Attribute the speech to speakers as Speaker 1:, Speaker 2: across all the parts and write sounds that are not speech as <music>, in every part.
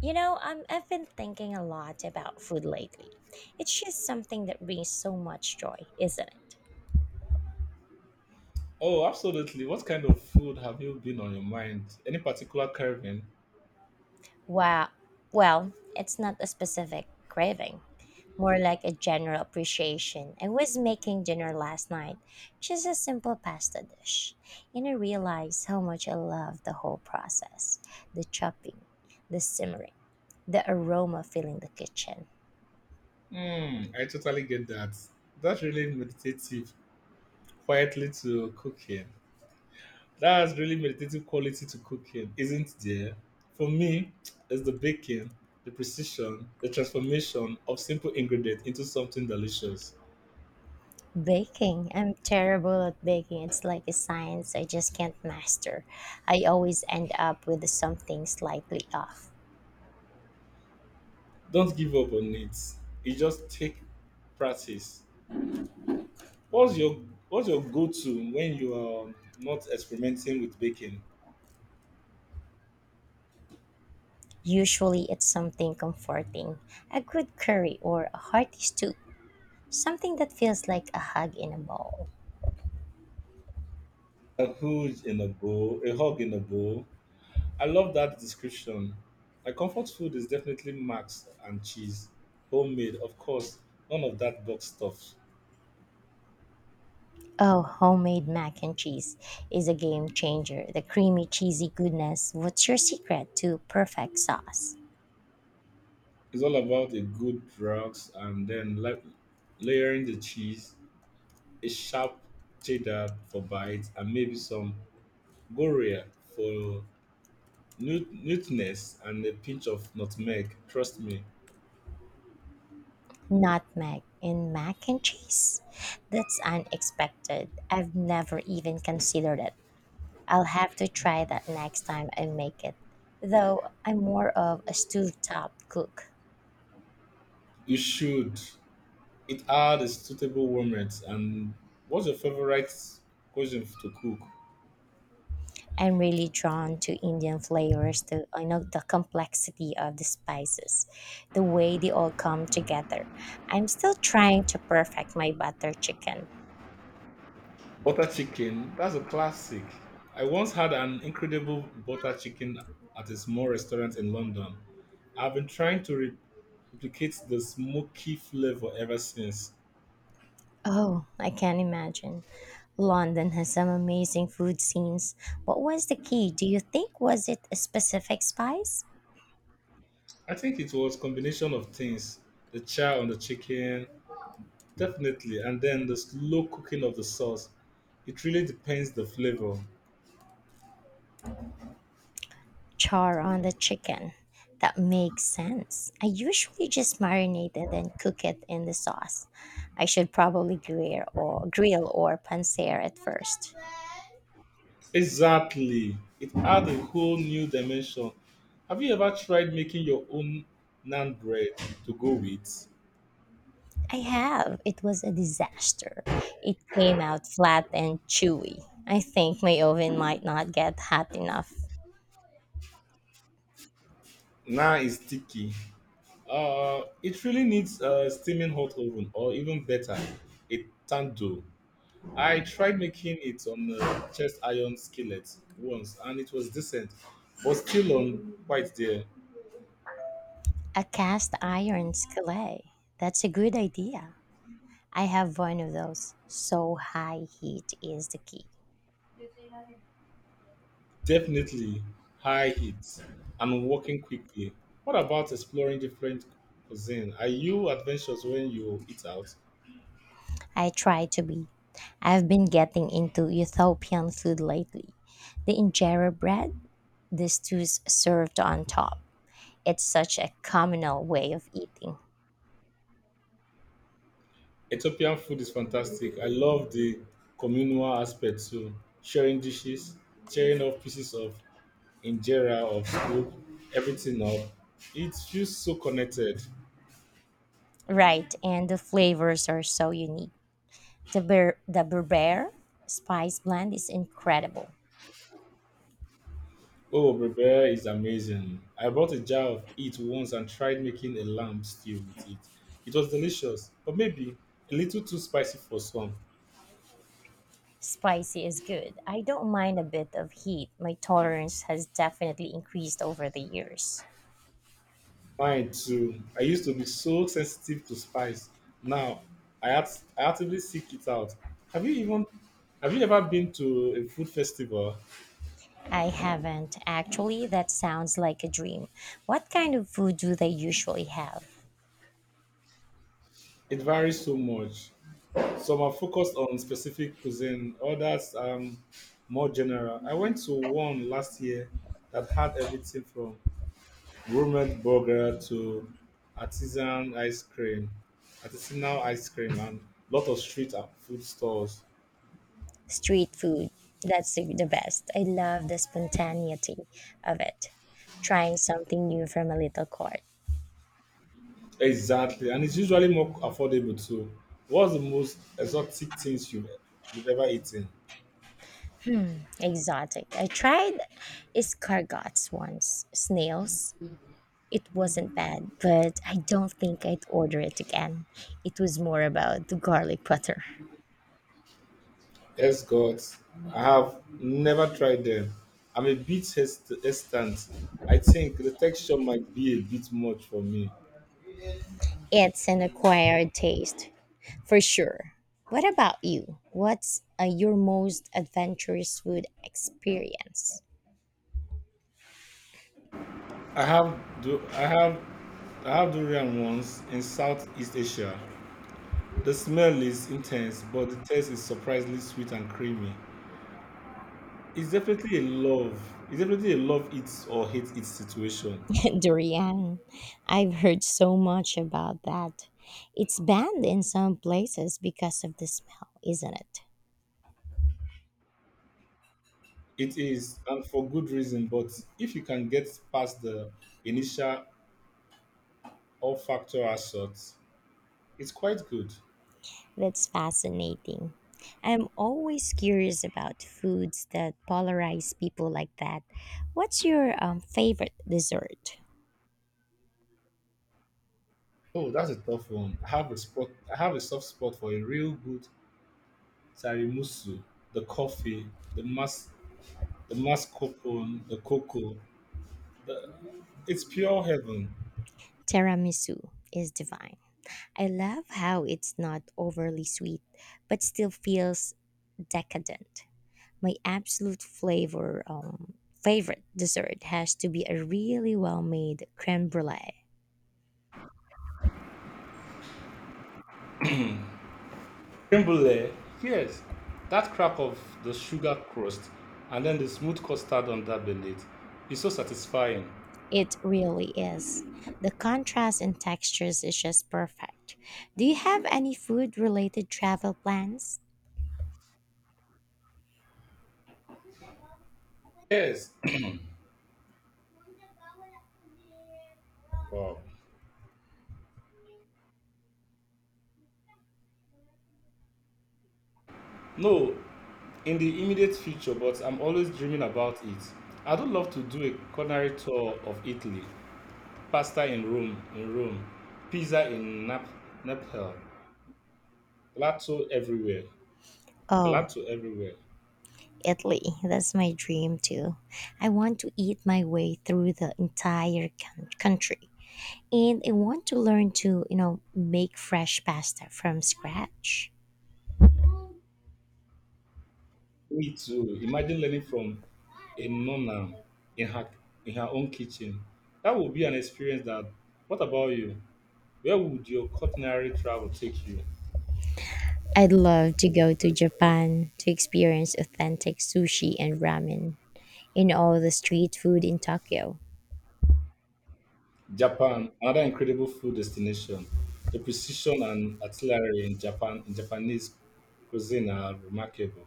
Speaker 1: I've been thinking a lot about food lately. It's just something that brings so much joy, isn't it?
Speaker 2: Oh, absolutely. What kind of food have you been on your mind? Any particular carving?
Speaker 1: Wow. Well, it's not a specific craving, more like a general appreciation. I was making dinner last night, just a simple pasta dish, and I realized how much I love the whole process: the chopping, the simmering, the aroma filling the kitchen.
Speaker 2: Hmm, I totally get that. That's really meditative, quietly to cooking. That's really meditative quality to cooking, isn't there? For me, it's the baking, the precision, the transformation of simple ingredient into something delicious.
Speaker 1: Baking. I'm terrible at baking. It's like a science I just can't master. I always end up with something slightly off.
Speaker 2: Don't give up on it. It just take practice. What's your What's your go-to when you are not experimenting with baking?
Speaker 1: Usually it's something comforting, a good curry or a hearty stew, something that feels like a hug in a bowl.
Speaker 2: A hood in a bowl, a hog in a bowl. I love that description. My comfort food is definitely Max and cheese, homemade, of course. None of that box stuff.
Speaker 1: Oh, homemade mac and cheese is a game changer. The creamy, cheesy goodness. What's your secret to perfect sauce?
Speaker 2: It's all about a good drugs and then like layering the cheese, a sharp cheddar for bites, and maybe some goria for nutness and a pinch of nutmeg. Trust me,
Speaker 1: Nutmeg in mac and cheese? That's unexpected. I've never even considered it. I'll have to try that next time I make it. Though I'm more of a stovetop cook.
Speaker 2: you should. It had a suitable warm rate. And what's your favorite cuisine to cook?
Speaker 1: I'm really drawn to Indian flavors, the I know the complexity of the spices, the way they all come together. I'm still trying to perfect my butter chicken.
Speaker 2: Butter chicken. That's a classic. I once had an incredible butter chicken at a small restaurant in London. I've been trying to replicate the smoky flavor ever since.
Speaker 1: Oh, I can imagine. London has some amazing food scenes. What was the key? Do you think was it a specific spice?
Speaker 2: I think it was combination of things, the char on the chicken, definitely, and then the slow cooking of the sauce. It really depends the flavor.
Speaker 1: Char on the chicken. That makes sense. I usually just marinate and then cook it in the sauce. I should probably grill or pancer at first.
Speaker 2: Exactly. It adds a whole new dimension. Have you ever tried making your own naan bread to go with?
Speaker 1: I have. It was a disaster. It came out flat and chewy. I think my oven might not get hot enough.
Speaker 2: Naan is sticky. It really needs a steaming hot oven, or even better, a tandoor. I tried making it on a chest iron skillet once, and it was decent, but still on quite there.
Speaker 1: A cast iron skillet. That's a good idea. I have one of those. So high heat is the key.
Speaker 2: Definitely high heat and working quickly. What about exploring different cuisine? Are you adventurous when you eat out?
Speaker 1: I try to be. I've been getting into Ethiopian food lately. The injera bread, the stews served on top. It's such a communal way of eating.
Speaker 2: Ethiopian food is fantastic. I love the communal aspect too. Sharing dishes, tearing off pieces of injera of soup, everything up. It feels so connected.
Speaker 1: Right, and the flavors are so unique. The berber spice blend is incredible.
Speaker 2: Oh, Berbera is amazing. I bought a jar of it once and tried making a lamb stew with it. It was delicious, but maybe a little too spicy for some.
Speaker 1: Spicy is good. I don't mind a bit of heat. My tolerance has definitely increased over the years.
Speaker 2: Mine too. I used to be so sensitive to spice. Now I act, I actively seek it out. Have you even have you ever been to a food festival?
Speaker 1: I haven't. Actually, that sounds like a dream. What kind of food do they usually have?
Speaker 2: It varies so much. Some are focused on specific cuisine, others more general. I went to one last year that had everything from gourmet burger to artisan ice cream, artisanal ice cream, and lot of street and food stores.
Speaker 1: Street food. That's the best. I love the spontaneity of it. Trying something new from a little cart.
Speaker 2: Exactly, and it's usually more affordable too. What's the most exotic things you've ever eaten?
Speaker 1: Exotic. I tried escargots once, snails. It wasn't bad, but I don't think I'd order it again. It was more about the garlic butter.
Speaker 2: Escorts. I have never tried them. I'm a bit hesitant. I think the texture might be a bit much for me.
Speaker 1: It's an acquired taste. For sure. What about you? What's your most adventurous food experience?
Speaker 2: I have do I have durian once in Southeast Asia. The smell is intense, but the taste is surprisingly sweet and creamy. It's definitely a love. It's definitely a love it or hate it situation.
Speaker 1: <laughs> Durian. I've heard so much about that. It's banned in some places because of the smell, isn't it?
Speaker 2: It is, and for good reason. But if you can get past the initial olfactory assault, it's quite good.
Speaker 1: That's fascinating. I'm always curious about foods that polarize people like that. What's your favorite dessert?
Speaker 2: Oh, that's a tough one. I have a soft spot for a real good tiramisu, the coffee, the mas, the mascarpone, the cocoa. The, it's pure heaven.
Speaker 1: Tiramisu is divine. I love how it's not overly sweet, but still feels decadent. My absolute flavor favorite dessert has to be a really well-made creme brulee.
Speaker 2: Creme brulee, yes. That crack of the sugar crust and then the smooth custard on that beneath is so satisfying.
Speaker 1: It really is. The contrast in textures is just perfect. Do you have any food-related travel plans?
Speaker 2: Yes. <coughs> Wow. No, in the immediate future, but I'm always dreaming about it. I'd love to do a culinary tour of Italy, pasta in Rome, pizza in Naples, gelato everywhere,
Speaker 1: Oh,
Speaker 2: gelato everywhere.
Speaker 1: Italy. That's my dream too. I want to eat my way through the entire country. And I want to learn to make fresh pasta from scratch.
Speaker 2: Me too. Imagine learning from a nonna in her in her own kitchen. That would be an experience. That. What about you? Where would your culinary travel take you?
Speaker 1: I'd love to go to Japan to experience authentic sushi and ramen and all the street food in Tokyo.
Speaker 2: Japan, another incredible food destination. The precision and artillery in Japanese cuisine are remarkable.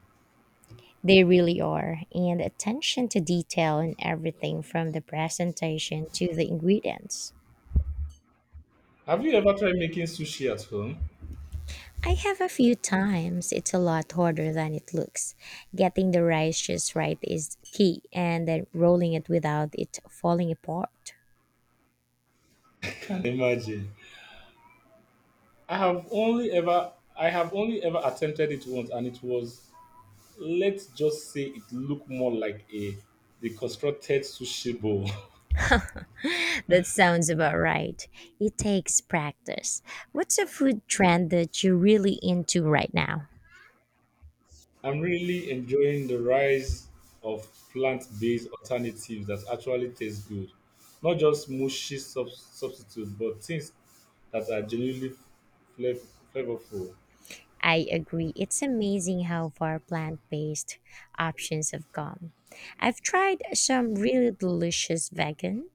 Speaker 1: They really are, and attention to detail in everything from the presentation to the ingredients.
Speaker 2: Have you ever tried making sushi at home?
Speaker 1: I have a few times. It's a lot harder than it looks. Getting the rice just right is key, and then rolling it without it falling apart.
Speaker 2: <laughs> Can imagine. I have only ever attempted it once and it was let's just say it looked more like a deconstructed sushi bowl. <laughs>
Speaker 1: That sounds about right. It takes practice. What's a food trend that you're really into right now?
Speaker 2: I'm really enjoying the rise of plant-based alternatives that actually taste good. Not just mushy substitutes, but things that are genuinely flav- flavorful,
Speaker 1: I agree. It's amazing how far plant based options have gone. I've tried some really delicious vegan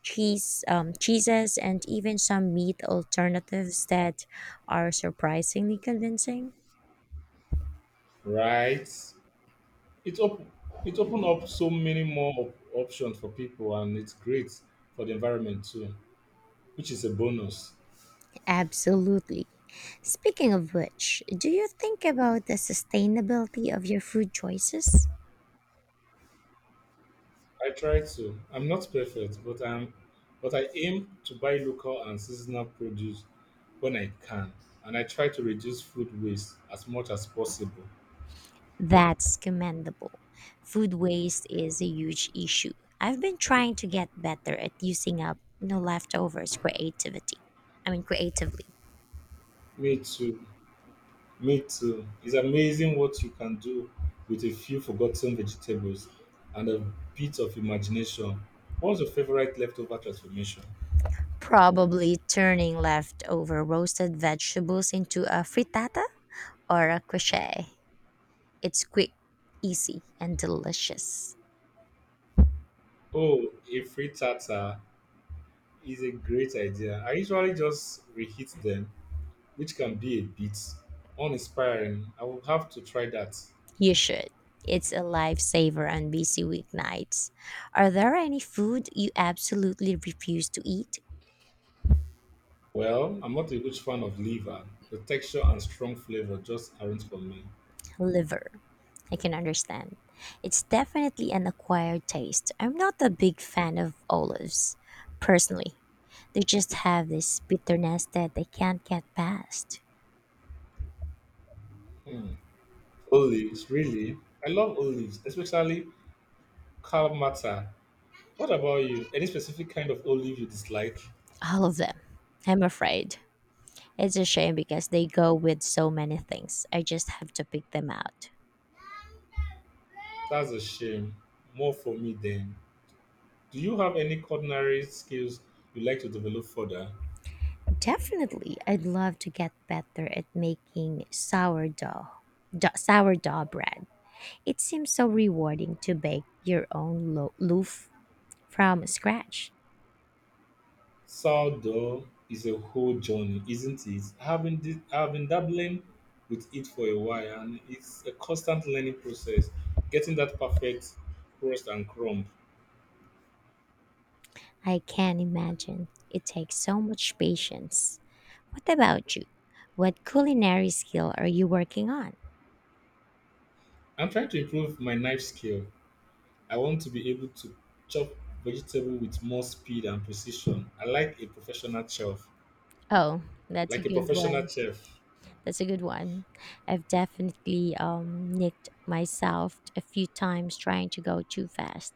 Speaker 1: cheeses and even some meat alternatives that are surprisingly convincing.
Speaker 2: right? It op- it opened up so many more options for people, and it's great for the environment too, which is a bonus.
Speaker 1: Absolutely. Speaking of which, do you think about the sustainability of your food choices?
Speaker 2: I try to. I'm not perfect, but I aim to buy local and seasonal produce when I can, and I try to reduce food waste as much as possible.
Speaker 1: That's commendable. Food waste is a huge issue. I've been trying to get better at using up leftovers creativity. I mean creatively.
Speaker 2: Me too. Me too. It's amazing what you can do with a few forgotten vegetables and a bit of imagination. What's your favorite leftover transformation?
Speaker 1: Probably turning leftover roasted vegetables into a frittata or a quiche. It's quick, easy, and delicious.
Speaker 2: Oh, a free tartar is a great idea. I usually just reheat them which can be a bit uninspiring. I will have to try that.
Speaker 1: You should. It's a lifesaver on busy weeknights. Are there any food you absolutely refuse to eat?
Speaker 2: Well, I'm not a huge fan of liver. The texture and strong flavor just aren't for me.
Speaker 1: Liver. I can understand. It's definitely an acquired taste. I'm not a big fan of olives, personally. They just have this bitterness that they can't get past.
Speaker 2: Hmm. Olives, really? I love olives, especially Kalamata. What about you? Any specific kind of olive you dislike?
Speaker 1: All of them, I'm afraid. It's a shame because they go with so many things. I just have to pick them out.
Speaker 2: That's a shame. More for me then. Do you have any culinary skills you like to develop further?
Speaker 1: Definitely, I'd love to get better at making sourdough. Sourdough bread. It seems so rewarding to bake your own loaf from scratch.
Speaker 2: Sourdough is a whole journey, isn't it? I've been dabbling with it for a while, and it's a constant learning process, getting that perfect crust and crumb.
Speaker 1: I can imagine. It takes so much patience. What about you? What culinary skill are you working on?
Speaker 2: I'm trying to improve my knife skill. I want to be able to chop vegetable with more speed and precision. I like a professional chef,
Speaker 1: Oh, that's a
Speaker 2: like a
Speaker 1: good
Speaker 2: professional
Speaker 1: one.
Speaker 2: chef.
Speaker 1: That's a good one. I've definitely nicked myself a few times trying to go too fast.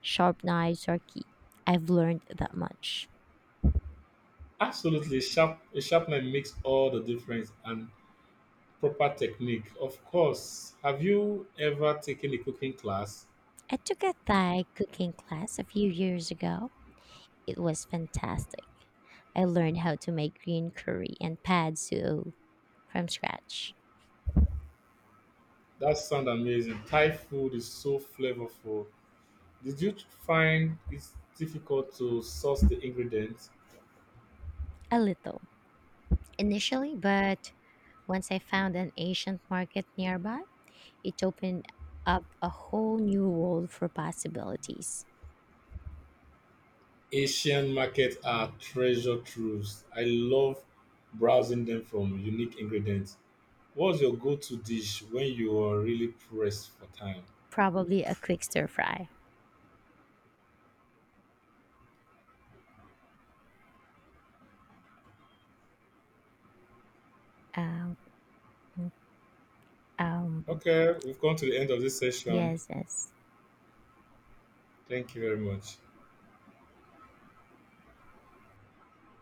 Speaker 1: Sharp knives are key. I've learned that much.
Speaker 2: Absolutely, sharp. A sharp knife makes all the difference, and proper technique, of course. Have you ever taken a cooking class?
Speaker 1: I took a Thai cooking class a few years ago. It was fantastic. I learned how to make green curry and pad see ew from scratch.
Speaker 2: That sounds amazing. Thai food is so flavorful. Did you find it difficult to source the ingredients?
Speaker 1: A little. Initially, but once I found an Asian market nearby, it opened up a whole new world for possibilities.
Speaker 2: Asian markets are treasure troves. I love browsing them from unique ingredients. What's your go-to dish when you are really pressed for time?
Speaker 1: Probably a quick stir fry. Um, um,
Speaker 2: Okay, we've come to the end of this session.
Speaker 1: yes, yes.
Speaker 2: Thank you very much.